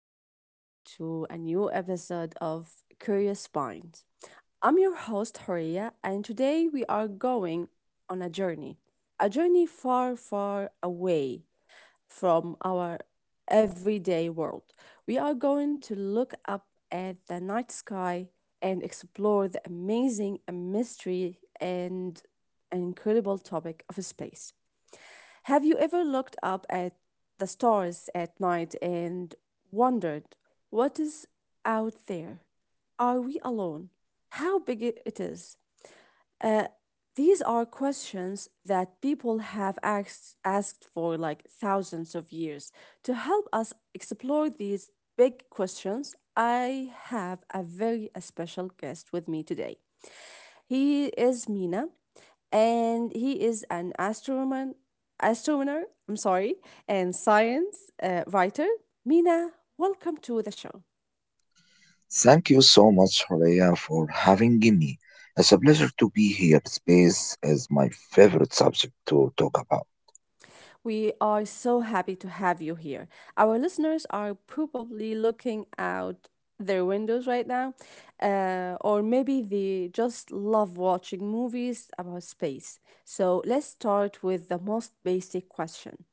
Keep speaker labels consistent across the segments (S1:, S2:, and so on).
S1: welcome back to a new episode of Curious Minds. I'm your host, Horia, and today we are going on a journey. A journey far, far away from our everyday world. We are going to look up at the night sky and explore the amazing mystery and an incredible topic of space. Have you ever looked up at the stars at night and wondered what is out there? Are we alone? How big it is? Uh, these are questions that people have asked for like thousands of years. To help us explore these big questions, I have a very special guest with me today. He is Mina, and he is an astronomer, and science writer. Mina, welcome to the show.
S2: Thank you so much, Horea, for having me. It's a pleasure to be here. Space is my favorite subject to talk about.
S1: We are so happy to have you here. Our listeners are probably looking out their windows right now, or maybe they just love watching movies about space. So let's start with the most basic question.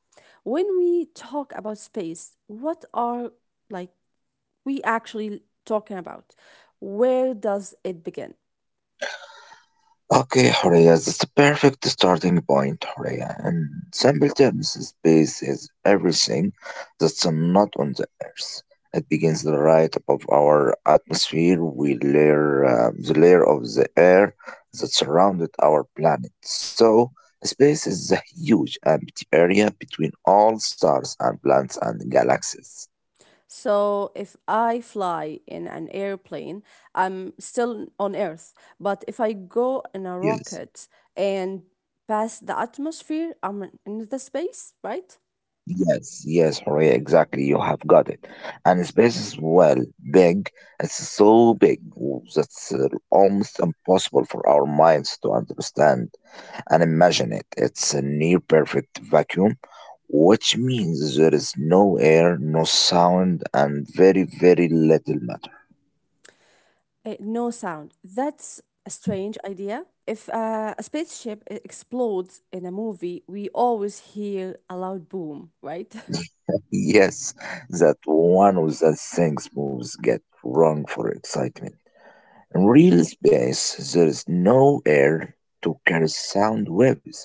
S1: When we talk about space, what are like we actually talking about? Where does it begin?
S2: Okay, Horea, that's a perfect starting point, Horea. In simple terms, space is everything that's not on the Earth. It begins right above our atmosphere. We layer The layer of the air that surrounded our planet. So, space is a huge empty area between all stars and planets and galaxies.
S1: So if I fly in an airplane, I'm still on Earth. But if I go in a
S2: Yes.
S1: rocket and pass the atmosphere, I'm in the space, right?
S2: Yes, yes, Horea, exactly. You have got it. And space is well big. It's so big that's almost impossible for our minds to understand and imagine it. It's a near perfect vacuum, which means there is no air, no sound, and very, very little matter.
S1: Eh, no sound. That's a strange idea. If a spaceship explodes in a movie, we always hear a loud boom, right?
S2: Yes, that one of the things moves get wrong for excitement. In real space, there is no air to carry sound waves,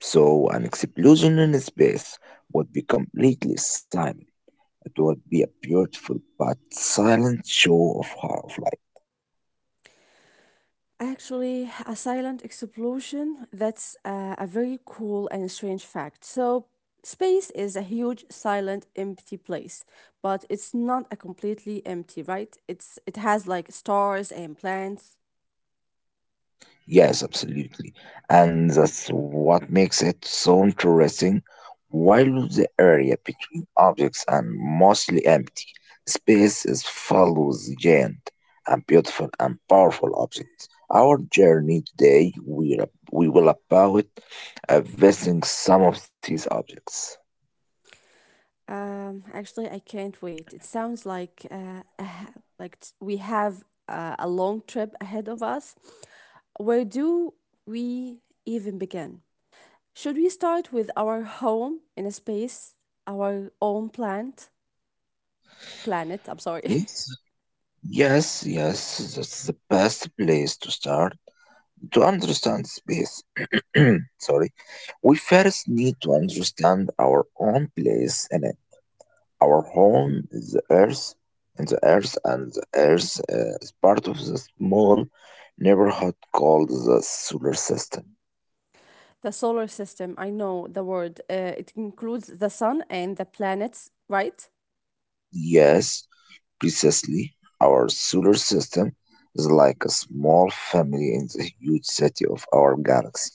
S2: so an explosion in space would be completely silent. It would be a beautiful but silent show of light.
S1: Actually, a silent explosion, that's a very cool and strange fact. So, space is a huge silent empty place, but it's not a completely empty, right? It has like stars and planets.
S2: Yes, absolutely. And that's what makes it so interesting. While the area between objects and mostly empty, space is filled with giant and beautiful and powerful objects. Our journey today, we will about visiting some of these objects.
S1: Actually, I can't wait. It sounds like a ha- like t- we have a long trip ahead of us. Where do we even begin? Should we start with our home in a space, our own planet?
S2: Yes, yes, yes, that's the best place to start to understand space. Sorry, we first need to understand our own place in it. Our home is the earth, and the earth is part of the small neighborhood called the solar system.
S1: The solar system. I know the word. It includes the sun and the planets, right?
S2: Yes, precisely, our solar system is like a small family in the huge city of our galaxy.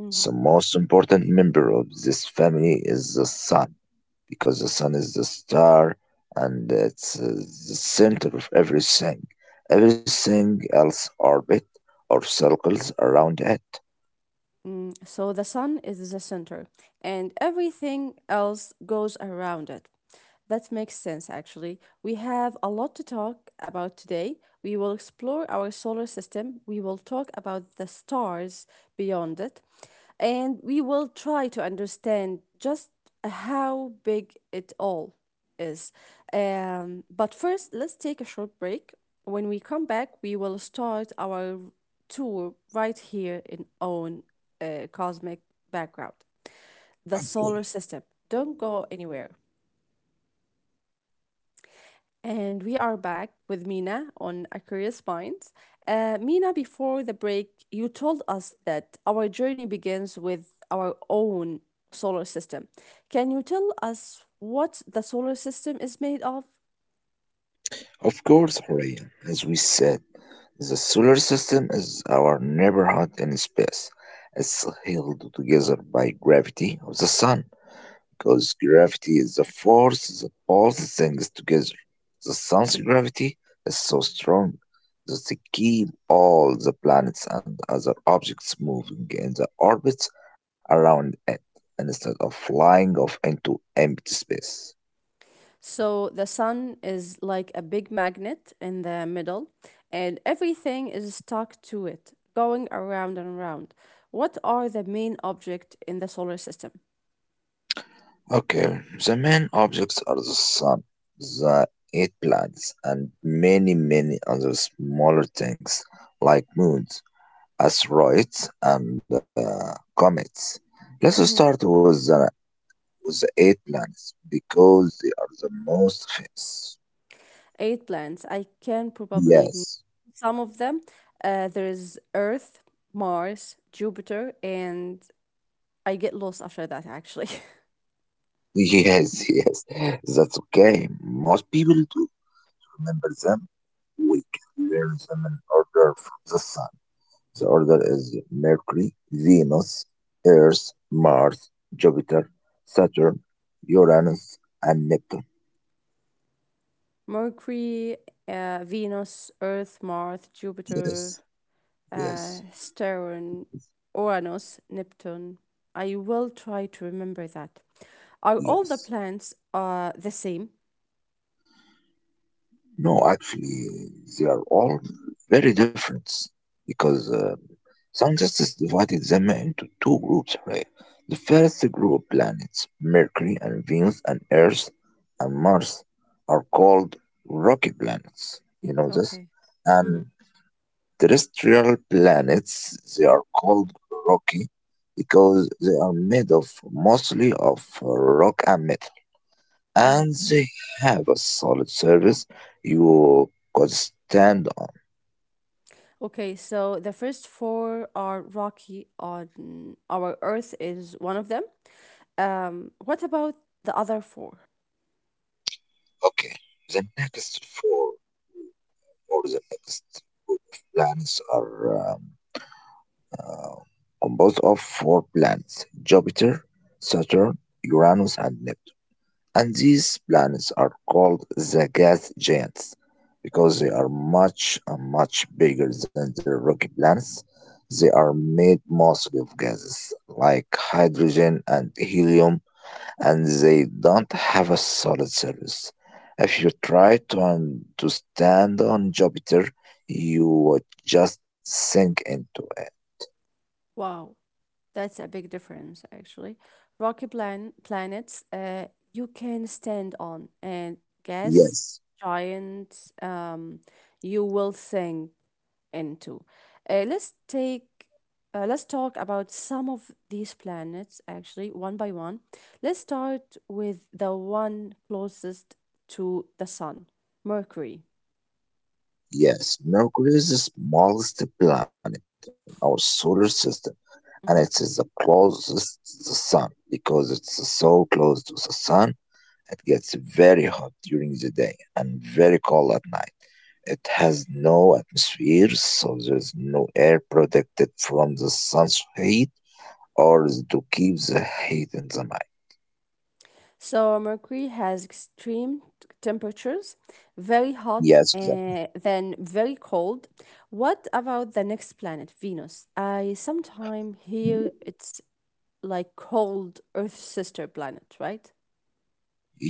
S1: Mhm.
S2: The most important member of this family is the sun, because the sun is the star and it's the center of everything. Everything else orbit or circles around it.
S1: Mm, so the sun is the center, and everything else goes around it. That makes sense, actually. We have a lot to talk about today. We will explore our solar system, we will talk about the stars beyond it, and we will try to understand just how big it all is. But first, let's take a short break. When we come back, we will start our tour right here in own cosmic background, the solar system. Don't go anywhere. And we are back with Mina on Aquarius Minds. Mina, before the break, you told us that our journey begins with our own solar system. Can you tell us what the solar system is made of?
S2: Of course, Horia, as we said, the solar system is our neighborhood in space. It's held together by gravity of the sun, because gravity is the force that holds things together. The sun's gravity is so strong that it keeps all the planets and other objects moving in the orbits around it instead of flying off into empty space.
S1: So, the sun is like a big magnet in the middle, and everything is stuck to it, going around and around. What are the main object in the solar system?
S2: Okay, the main objects are the sun, the eight planets, and many, many other smaller things like moons, asteroids, and comets. Let's
S1: Mm-hmm.
S2: start with the eight planets because they are the most famous.
S1: Eight planets. I can probably name
S2: Yes,
S1: some of them. There is Earth, Mars, Jupiter, and I get lost after that actually.
S2: yes, yes. That's okay. Most people do remember them. We can learn them in order from the sun. The order is Mercury, Venus, Earth, Mars, Jupiter, Saturn, Uranus, and Neptune.
S1: Mercury, Venus, Earth, Mars, Jupiter,
S2: Yes, yes,
S1: Saturn, Uranus, Neptune. I will try to remember that. Are all the
S2: yes.
S1: planets the same?
S2: No, actually, they are all very different because sound justice divided them into two groups, right? The first group planets, Mercury and Venus and Earth and Mars, are called rocky planets. You know this?
S1: Okay. Mm-hmm.
S2: And terrestrial planets, they are called rocky because they are made of mostly of rock and metal
S1: Mm-hmm.
S2: and they have a solid service you could stand on.
S1: Okay, so the first four are rocky on our Earth is one of them. What about the other four?
S2: Okay, the next four or the next group of planets are uh, composed of four planets Jupiter, Saturn, Uranus, and Neptune. And these planets are called the gas giants because they are much, much bigger than the rocky planets. They are made mostly of gases like hydrogen and helium and they don't have a solid service. If you try to, to stand on Jupiter, you would just sink into it.
S1: Wow, that's a big difference actually. Rocky planets you can stand on, and gas
S2: Yes,
S1: giants you will sink into. Uh, let's take let's talk about some of these planets actually one by one. Let's start with the one closest to the sun, Mercury.
S2: yes, Mercury is the smallest planet in our solar system, and it is the
S1: Mhm.
S2: closest to the Sun because it's so close to the Sun. It gets very hot during the day and very cold at night. It has no atmosphere, so there's no air protected from the sun's heat or to keep the heat in the night.
S1: So Mercury has extreme temperatures, very hot
S2: Yes, exactly.
S1: and then very cold. What about the next planet, Venus? I sometime hear it's like cold Earth's sister planet, right?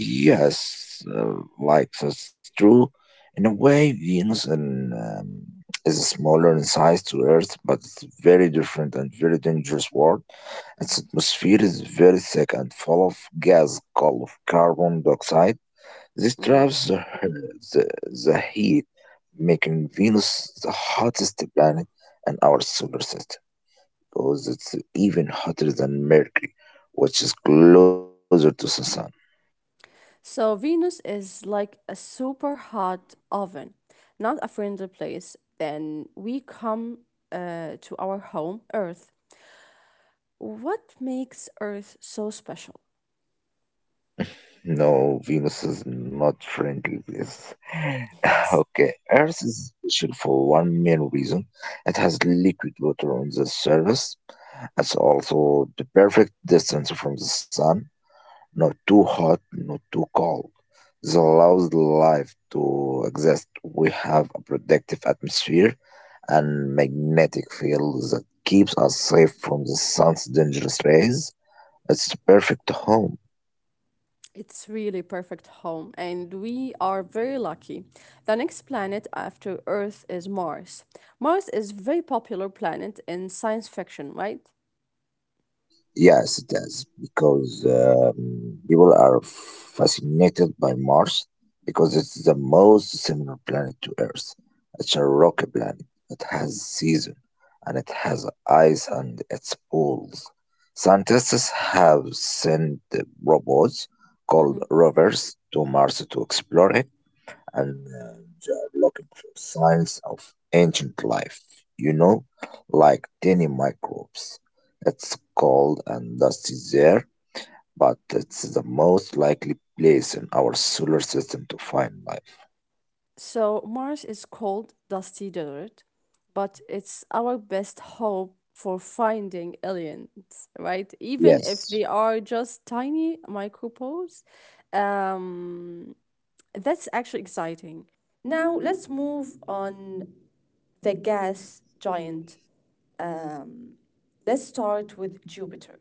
S2: Yes, like that's true. In a way, Venus and, is smaller in size to Earth, but it's very different and very dangerous world. Its atmosphere is very thick and full of gas called carbon dioxide. This
S1: Mm-hmm.
S2: traps the, the heat, making Venus the hottest planet in our solar system because it's even hotter than Mercury, which is closer to the sun.
S1: So Venus is like a super hot oven, not a friendly place. Then we come to our home, Earth. What makes Earth so special?
S2: No, Venus is not friendly with.
S1: Yes.
S2: Okay, Earth is special for one main reason. It has liquid water on the surface. It's also the perfect distance from the sun, not too hot, not too cold. This allows life to exist. We have a protective atmosphere and magnetic field that keeps us safe from the sun's dangerous rays. It's the perfect home.
S1: It's really perfect home, and we are very lucky. The next planet after Earth is Mars. Mars is very popular planet in science fiction, right?
S2: Yes, it does, because people are fascinated by Mars because it's the most similar planet to Earth. It's a rocky planet. It has season, and it has ice and its poles. Scientists have sent robots called
S1: Mm-hmm.
S2: rovers to Mars to explore it and they are looking for signs of ancient life, you know, like tiny microbes. It's cold and dusty there, but it's the most likely place in our solar system to find life.
S1: So Mars is cold, dusty desert, but it's our best hope for finding aliens, right? Even if
S2: Yes.
S1: they are just tiny micropores. Um, that's actually exciting. Now let's move on the gas giant. Um, let's start with Jupiter.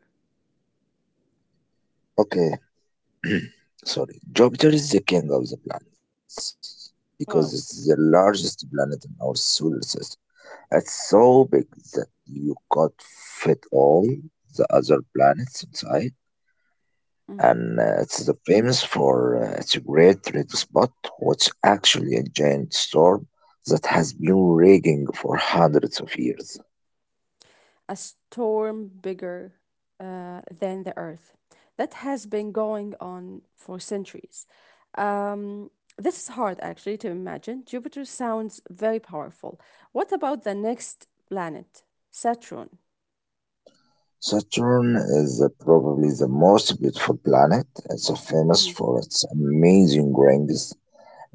S2: Okay, sorry. Jupiter is the king of the planets because it's
S1: Wow.
S2: the largest planet in our solar system. It's so big that you could fit all the other planets inside, and it's the famous for its great red spot, which actually a giant storm that has been raging for hundreds of years.
S1: A storm bigger than the earth that has been going on for centuries. Um, this is hard actually to imagine. Jupiter sounds very powerful. What about the next planet, Saturn?
S2: Saturn is probably the most beautiful planet. It's famous
S1: Mhm,
S2: for its amazing rings.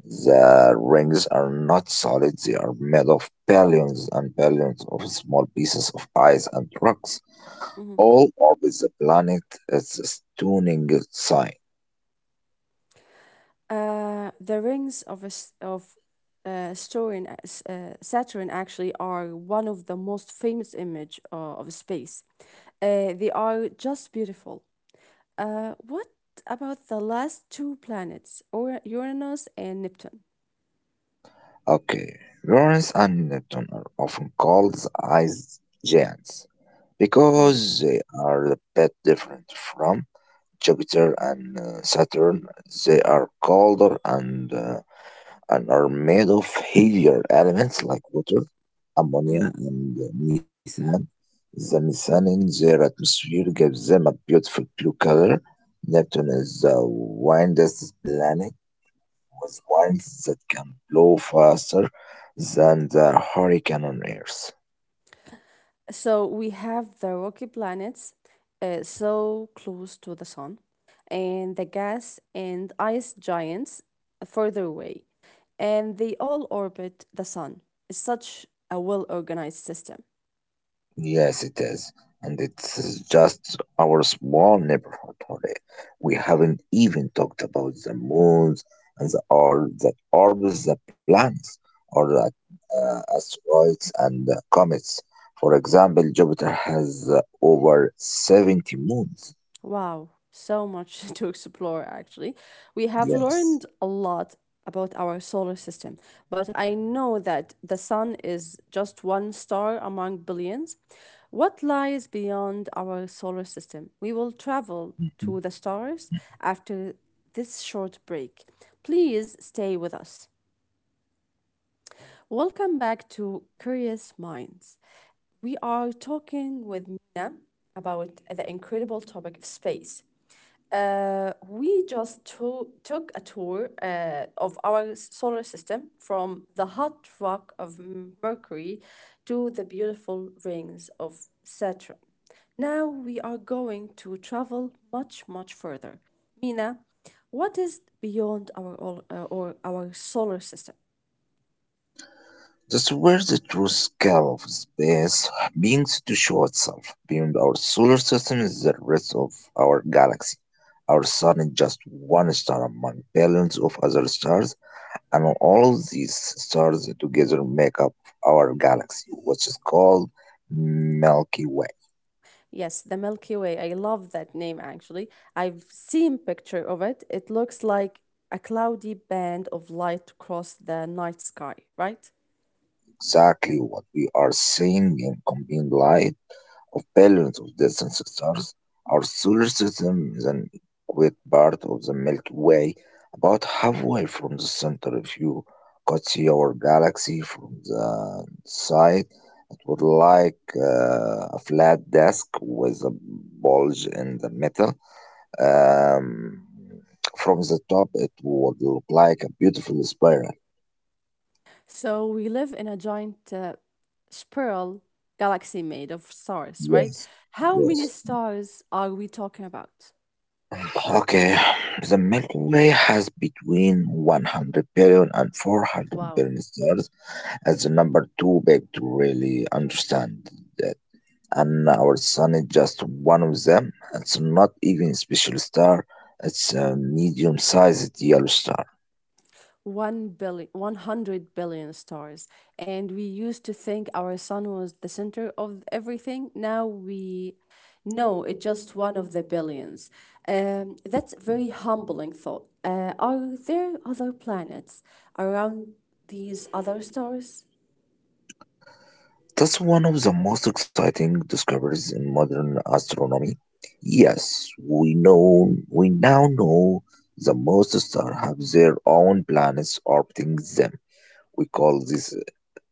S2: The rings are not solid, they are made of billions and billions of small pieces of ice and rocks.
S1: mhm.
S2: All over the planet, it's a stunning sight.
S1: The rings of a s of Saturn, s- Saturn actually are one of the most famous image of space. They are just beautiful. What about the last two planets, or Uranus and Neptune?
S2: Okay, Lawrence and Neptune are often called the ice giants
S1: Yes.
S2: because they are a bit different from Jupiter and Saturn. They are colder and are made of heavier elements like water,
S1: Hmm.
S2: ammonia, and methane. The methane in
S1: Hmm.
S2: their atmosphere gives them a beautiful blue color. Neptune is the wildest planet with winds that can blow faster than the hurricane on Earth.
S1: So we have the rocky planets, so close to the sun, and the gas and ice giants further away, and they all orbit the sun. It's such a well organized system.
S2: Yes, it is. And it's just our small neighborhood, Jorge. We haven't even talked about the moons and the or that orbits the planets, or the asteroids and comets. For example, Jupiter has over 70 moons.
S1: Wow, so much to explore actually. We have learned
S2: Yes.
S1: a lot about our solar system, but I know that the sun is just one star among billions. What lies beyond our solar system? We will travel to
S2: Mm-hmm.
S1: the stars after this short break. Please stay with us. Welcome back to Curious Minds. We are talking with Mina about the incredible topic of space. We just took a tour of our solar system from the hot rock of Mercury to the beautiful rings of Saturn. Now we are going to travel much, much further. Mina, what is beyond our ol- or our solar system?
S2: That's where the true scale of space begins to show itself. Beyond our solar system is the rest of our galaxy. Our sun is just one star among billions of other stars, and all of these stars together make up our galaxy, which is called Milky Way.
S1: Yes, the Milky Way. I love that name actually. I've seen picture of it. It looks like a cloudy band of light across the night sky, right?
S2: Exactly what we are seeing in combined light of billions of distant stars, our solar system is an equate part of the Milky Way, about halfway from the center. If you could see our galaxy from the side, it would like a flat disk with a bulge in the middle. Um, from the top, it would look like a beautiful spiral.
S1: So we live in a giant spiral galaxy made of stars, right?
S2: Yes,
S1: How many
S2: yes.
S1: stars are we talking about?
S2: Okay, the Milky Way has between one hundred billion and four hundred
S1: Wow.
S2: billion stars as the number too big to really understand that. And our sun is just one of them. It's not even a special star, it's a medium sized yellow star.
S1: 1 billion, 100 billion stars, and we used to think our sun was the center of everything. Now we know it's just one of the billions. That's a very humbling thought. Are there other planets around these other stars?
S2: That's one of the most exciting discoveries in modern astronomy. Yes, we now know the most stars have their own planets orbiting them. We call these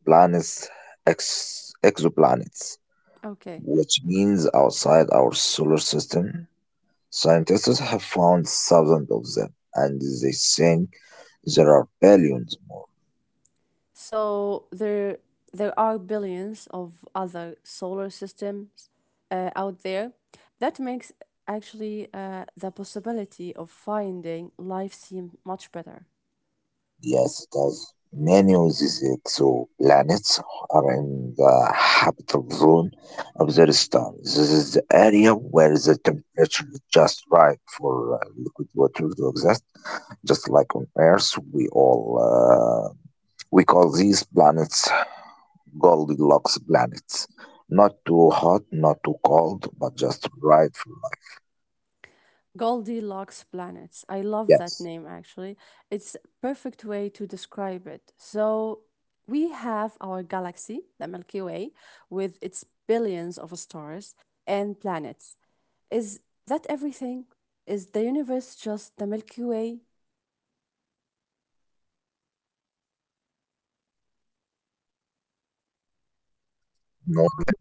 S2: planets exoplanets,
S1: Okay.
S2: which means outside our solar system. Scientists have found thousands of them, and they think there are billions more.
S1: So there are billions of other solar systems out there. That makes actually the possibility of finding life seem much better.
S2: Yes, it does. Many of these exoplanets are in the habitable zone of their star. This is the area where the temperature is just right for liquid water to exist. Just like on Earth, we call these planets Goldilocks planets. Not too hot, not too cold, but just right for life.
S1: Goldilocks planets. I love that
S2: Yes.
S1: name actually. It's a perfect way to describe it. So we have our galaxy, the Milky Way, with its billions of stars and planets. Is that everything? Is the universe just the Milky Way?
S2: North Bay, this is where the pine really starts to behind.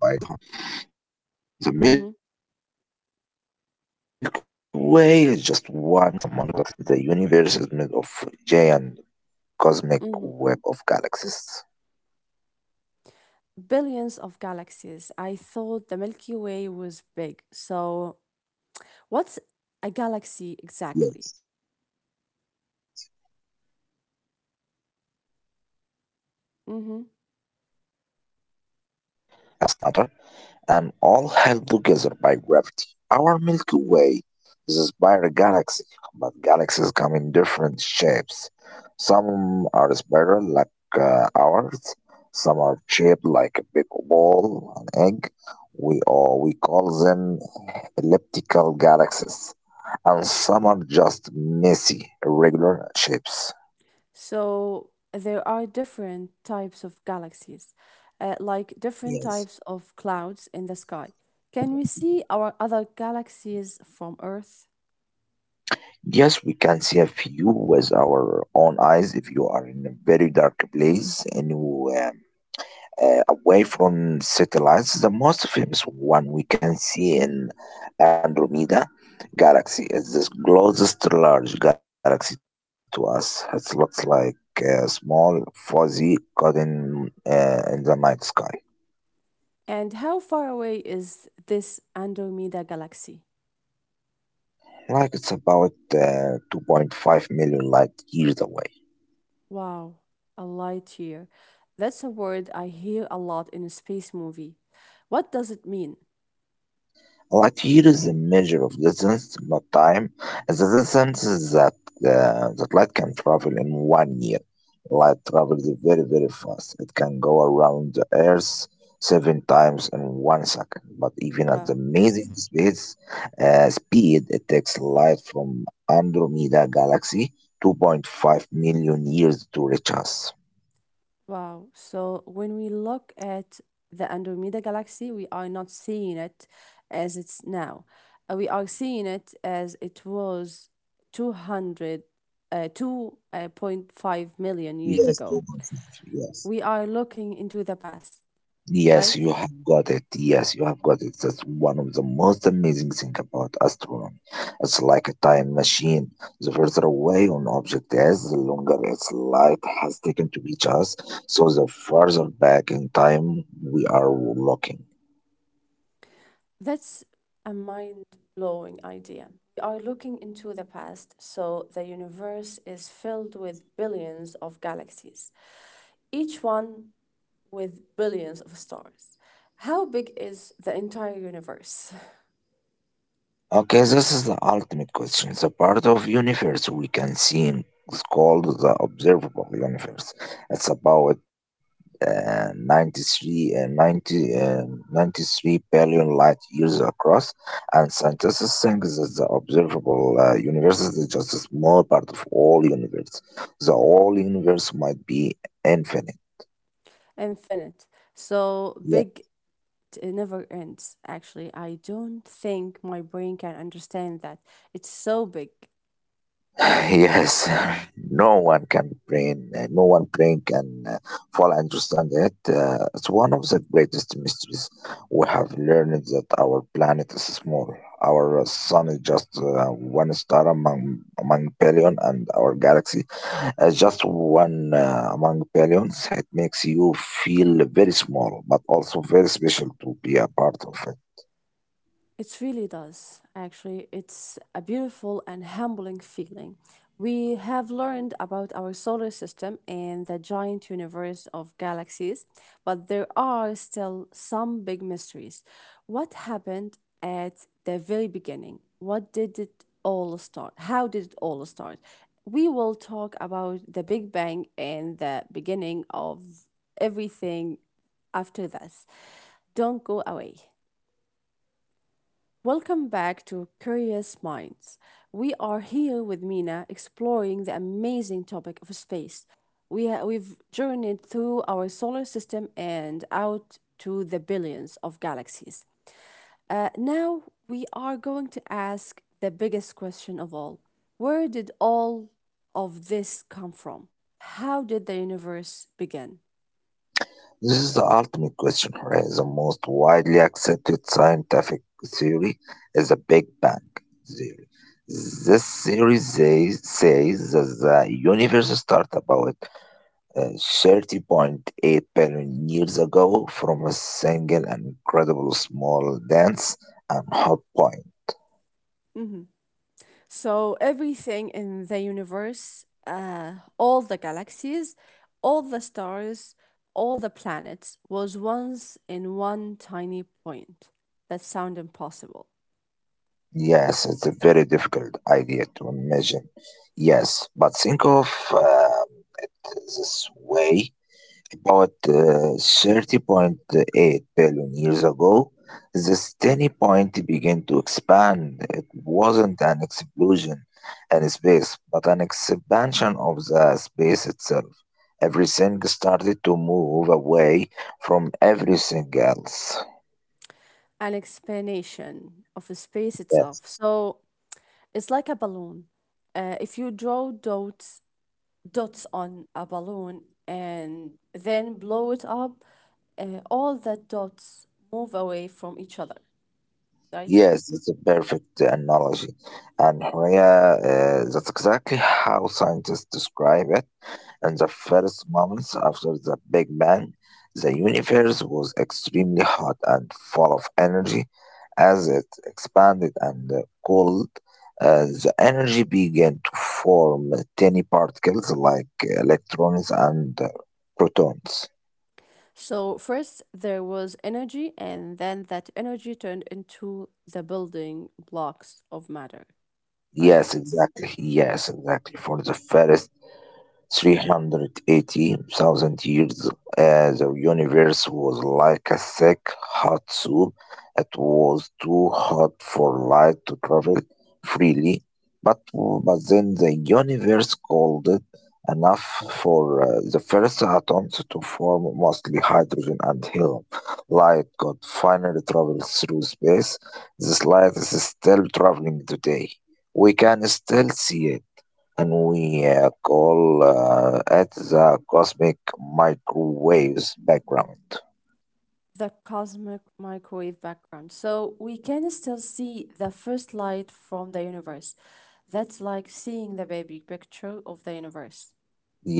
S2: The Milky Way is just one
S1: Mhm,
S2: galaxy among billion and billions of other galaxies. The universe is made of giant cosmic
S1: mhm.
S2: web of galaxies.
S1: Billions of galaxies. I thought the Milky Way was big.
S2: Yes.
S1: So, what's a galaxy exactly?
S2: A galaxy is a huge collection of
S1: Hmm.
S2: stars and gases and dust and dark matter, and all held together by gravity. Our Milky Way is a spiral galaxy, but galaxies come in different shapes. Some are spiral like ours, some are shaped like a big ball, an egg. Or we call them elliptical galaxies, and some are just messy, irregular shapes.
S1: So, there are different types of galaxies, like different
S2: Yes.
S1: types of clouds in the sky. Can we see our other galaxies from Earth?
S2: Yes, we can see a few with our own eyes if you, are in a very dark place and you, away from satellites. The most famous one we can see in Andromeda galaxy is the closest large galaxy to us. It looks like a small fuzzy cotton in the night sky.
S1: And how far away is this Andromeda galaxy?
S2: Like it's about 2.5 million light years away.
S1: Wow, a light year. That's a word I hear a lot in a space movie. What does it mean?
S2: What year is the measure of distance, not time, is the distance that that light can travel in one year. Light travels very, very fast. It can go around the Earth seven times in one second. But even at the
S1: Wow,
S2: amazing space speed, it takes light from Andromeda Galaxy 2.5 million years to reach us.
S1: wow. So when we look at the Andromeda galaxy, we are not seeing it as it's now. We are seeing it as it was 200, 2.5 million years
S2: Yes,
S1: ago.
S2: 2.5, yes.
S1: We are looking into the past,
S2: Yes,
S1: right?
S2: you have got it. Yes, you have got it. That's one of the most amazing thing about astronomy. It's like a time machine. The further away an object is, the longer its light has taken to reach us. So the further back in time we are looking.
S1: That's a mind blowing idea. We are looking into the past, so the universe is filled with billions of galaxies, each one with billions of stars. How big is the entire universe?
S2: Okay, this is the ultimate question. The part of universe we can is called the observable universe. It's about uh, 93, uh, 90, uh, 93 billion light years across, and scientists think that the observable universe is just a small part of all universe. The whole universe might be infinite.
S1: Infinite. So big it never ends actually. I don't think my brain can understand that. It's so big.
S2: Yes, no one praying can fully understand it. It's one of the greatest mysteries. We have learned that our planet is small, our sun is just one star among billion, and our galaxy is just one among billions. It makes you feel very small but also very special to be a part of it.
S1: It really does. Actually, it's a beautiful and humbling feeling. We have learned about our solar system and the giant universe of galaxies, but there are still some big mysteries. What happened at the very beginning? What did it all start? How did it all start? We will talk about the Big Bang and the beginning of everything after this. Don't go away. Welcome back to Curious Minds. We are here with Mina exploring the amazing topic of space. We've journeyed through our solar system and out to the billions of galaxies. Now we are going to ask the biggest question of all. Where did all of this come from? How did the universe begin?
S2: This is the ultimate question, right? The most widely accepted scientific theory is the Big Bang theory. This theory says that the universe started about uh, 30.8 billion years ago from a single and incredible small, dense and hot point.
S1: Mm-hmm. So everything in the universe, all the galaxies, all the stars, all the planets was once in one tiny point. That sound impossible.
S2: Yes, it's a very difficult idea to imagine. Yes, but think of this way. About 30.8 billion years ago, this tiny point began to expand. It wasn't an explosion in space, but an expansion of the space itself. Everything started to move away from everything else.
S1: An explanation of space itself.
S2: Yes,
S1: So it's like a balloon. If you draw dots on a balloon and then blow it up, all the dots move away from each other, right?
S2: yes, that's a perfect analogy. And Horea, that's exactly how scientists describe it. In the first months after the Big Bang, the universe was extremely hot and full of energy. As it expanded and cooled, the energy began to form tiny particles like electrons and protons.
S1: So first there was energy, and then that energy turned into the building blocks of matter, right?
S2: Yes, exactly. Yes, exactly. For the first 380,000 years, the universe was like a thick, hot soup. It was too hot for light to travel freely, but then the universe cooled it enough for the first atoms to form, mostly hydrogen and helium. Light could finally travel through space. This light is still traveling today. We can still see it, and we call it the cosmic microwaves background.
S1: The cosmic microwave background. So we can still see the first light from the universe. That's like seeing the baby picture of the universe.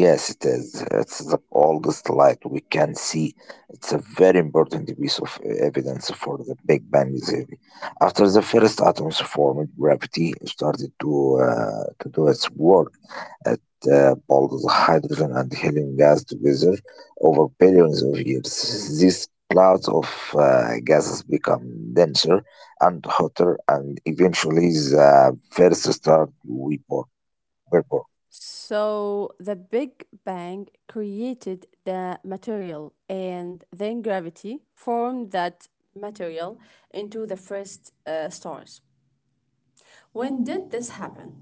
S2: Yes, it is. It's the oldest light we can see. It's a very important piece of evidence for the Big Bang theory. After the first atoms formed, gravity started to do its work. At bundles hydrogen and helium gas together over billions of years. These clouds of gases become denser and hotter, and eventually the first stars we born, were born.
S1: So the Big Bang created the material, and then gravity formed that material into the first stars. When did this happen?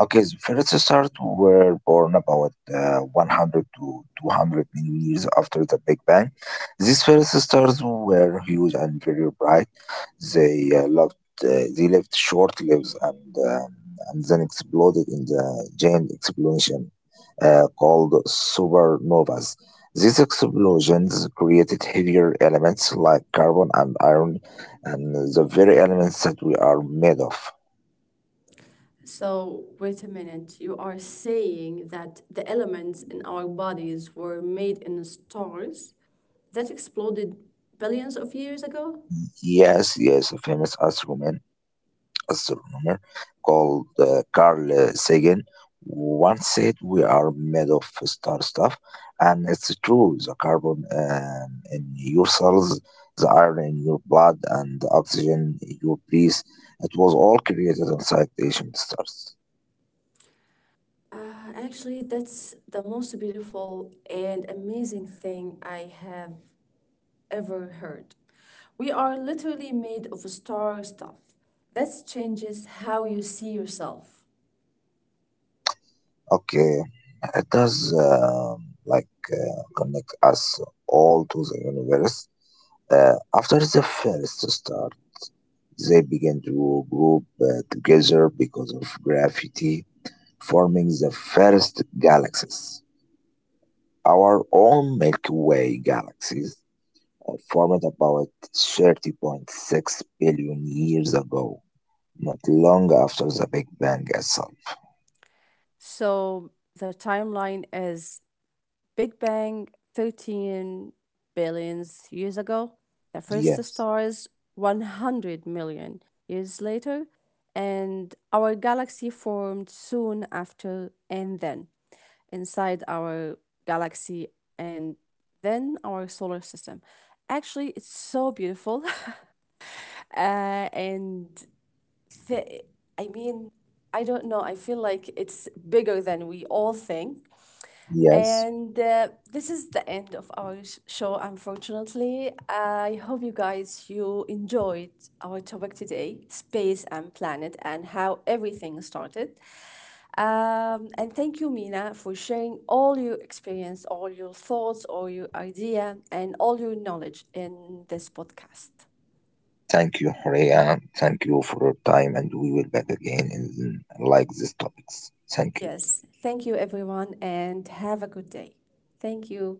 S2: Okay, the first stars were born about 100 to 200 million years after the Big Bang. These first stars were huge and very bright. They uh, loved, they lived short lives, and then exploded in the giant explosion called supernovas. These explosions created heavier elements like carbon and iron, and the very elements that we are made of.
S1: So, wait a minute, you are saying that the elements in our bodies were made in stars that exploded billions of years ago?
S2: Yes, yes, a famous astronomer called Carl Sagan once said we are made of star stuff, and it's true. The carbon in your cells, the iron in your blood, and the oxygen in your breath, it was all created inside ancient stars.
S1: Actually, that's the most beautiful and amazing thing I have ever heard. We are literally made of star stuff. That changes how you see yourself.
S2: Okay, it does, like, connect us all to the universe. After the first star, they begin to group together because of gravity, forming the first galaxies. Our own Milky Way galaxies are formed about 30.6 billion years ago, not long after the Big Bang itself.
S1: So the timeline is Big Bang 13 billions years ago, the
S2: Yeah,
S1: first stars 100 million years later, and our galaxy formed soon after, and then inside our galaxy and then our solar system. Actually, it's so beautiful. uh, and fe- I mean, I don't know. I feel like it's bigger than we all think.
S2: yes.
S1: And This is the end of our show, unfortunately. I hope you guys you enjoyed our topic today, space and planet, and how everything started. And thank you, Mina, for sharing all your experience, all your thoughts, all your idea, and all your knowledge in this podcast.
S2: Thank you, Horea. Thank you for your time, and we will back again in like these topics. Thank you.
S1: Yes. Thank you, everyone, and have a good day. Thank you.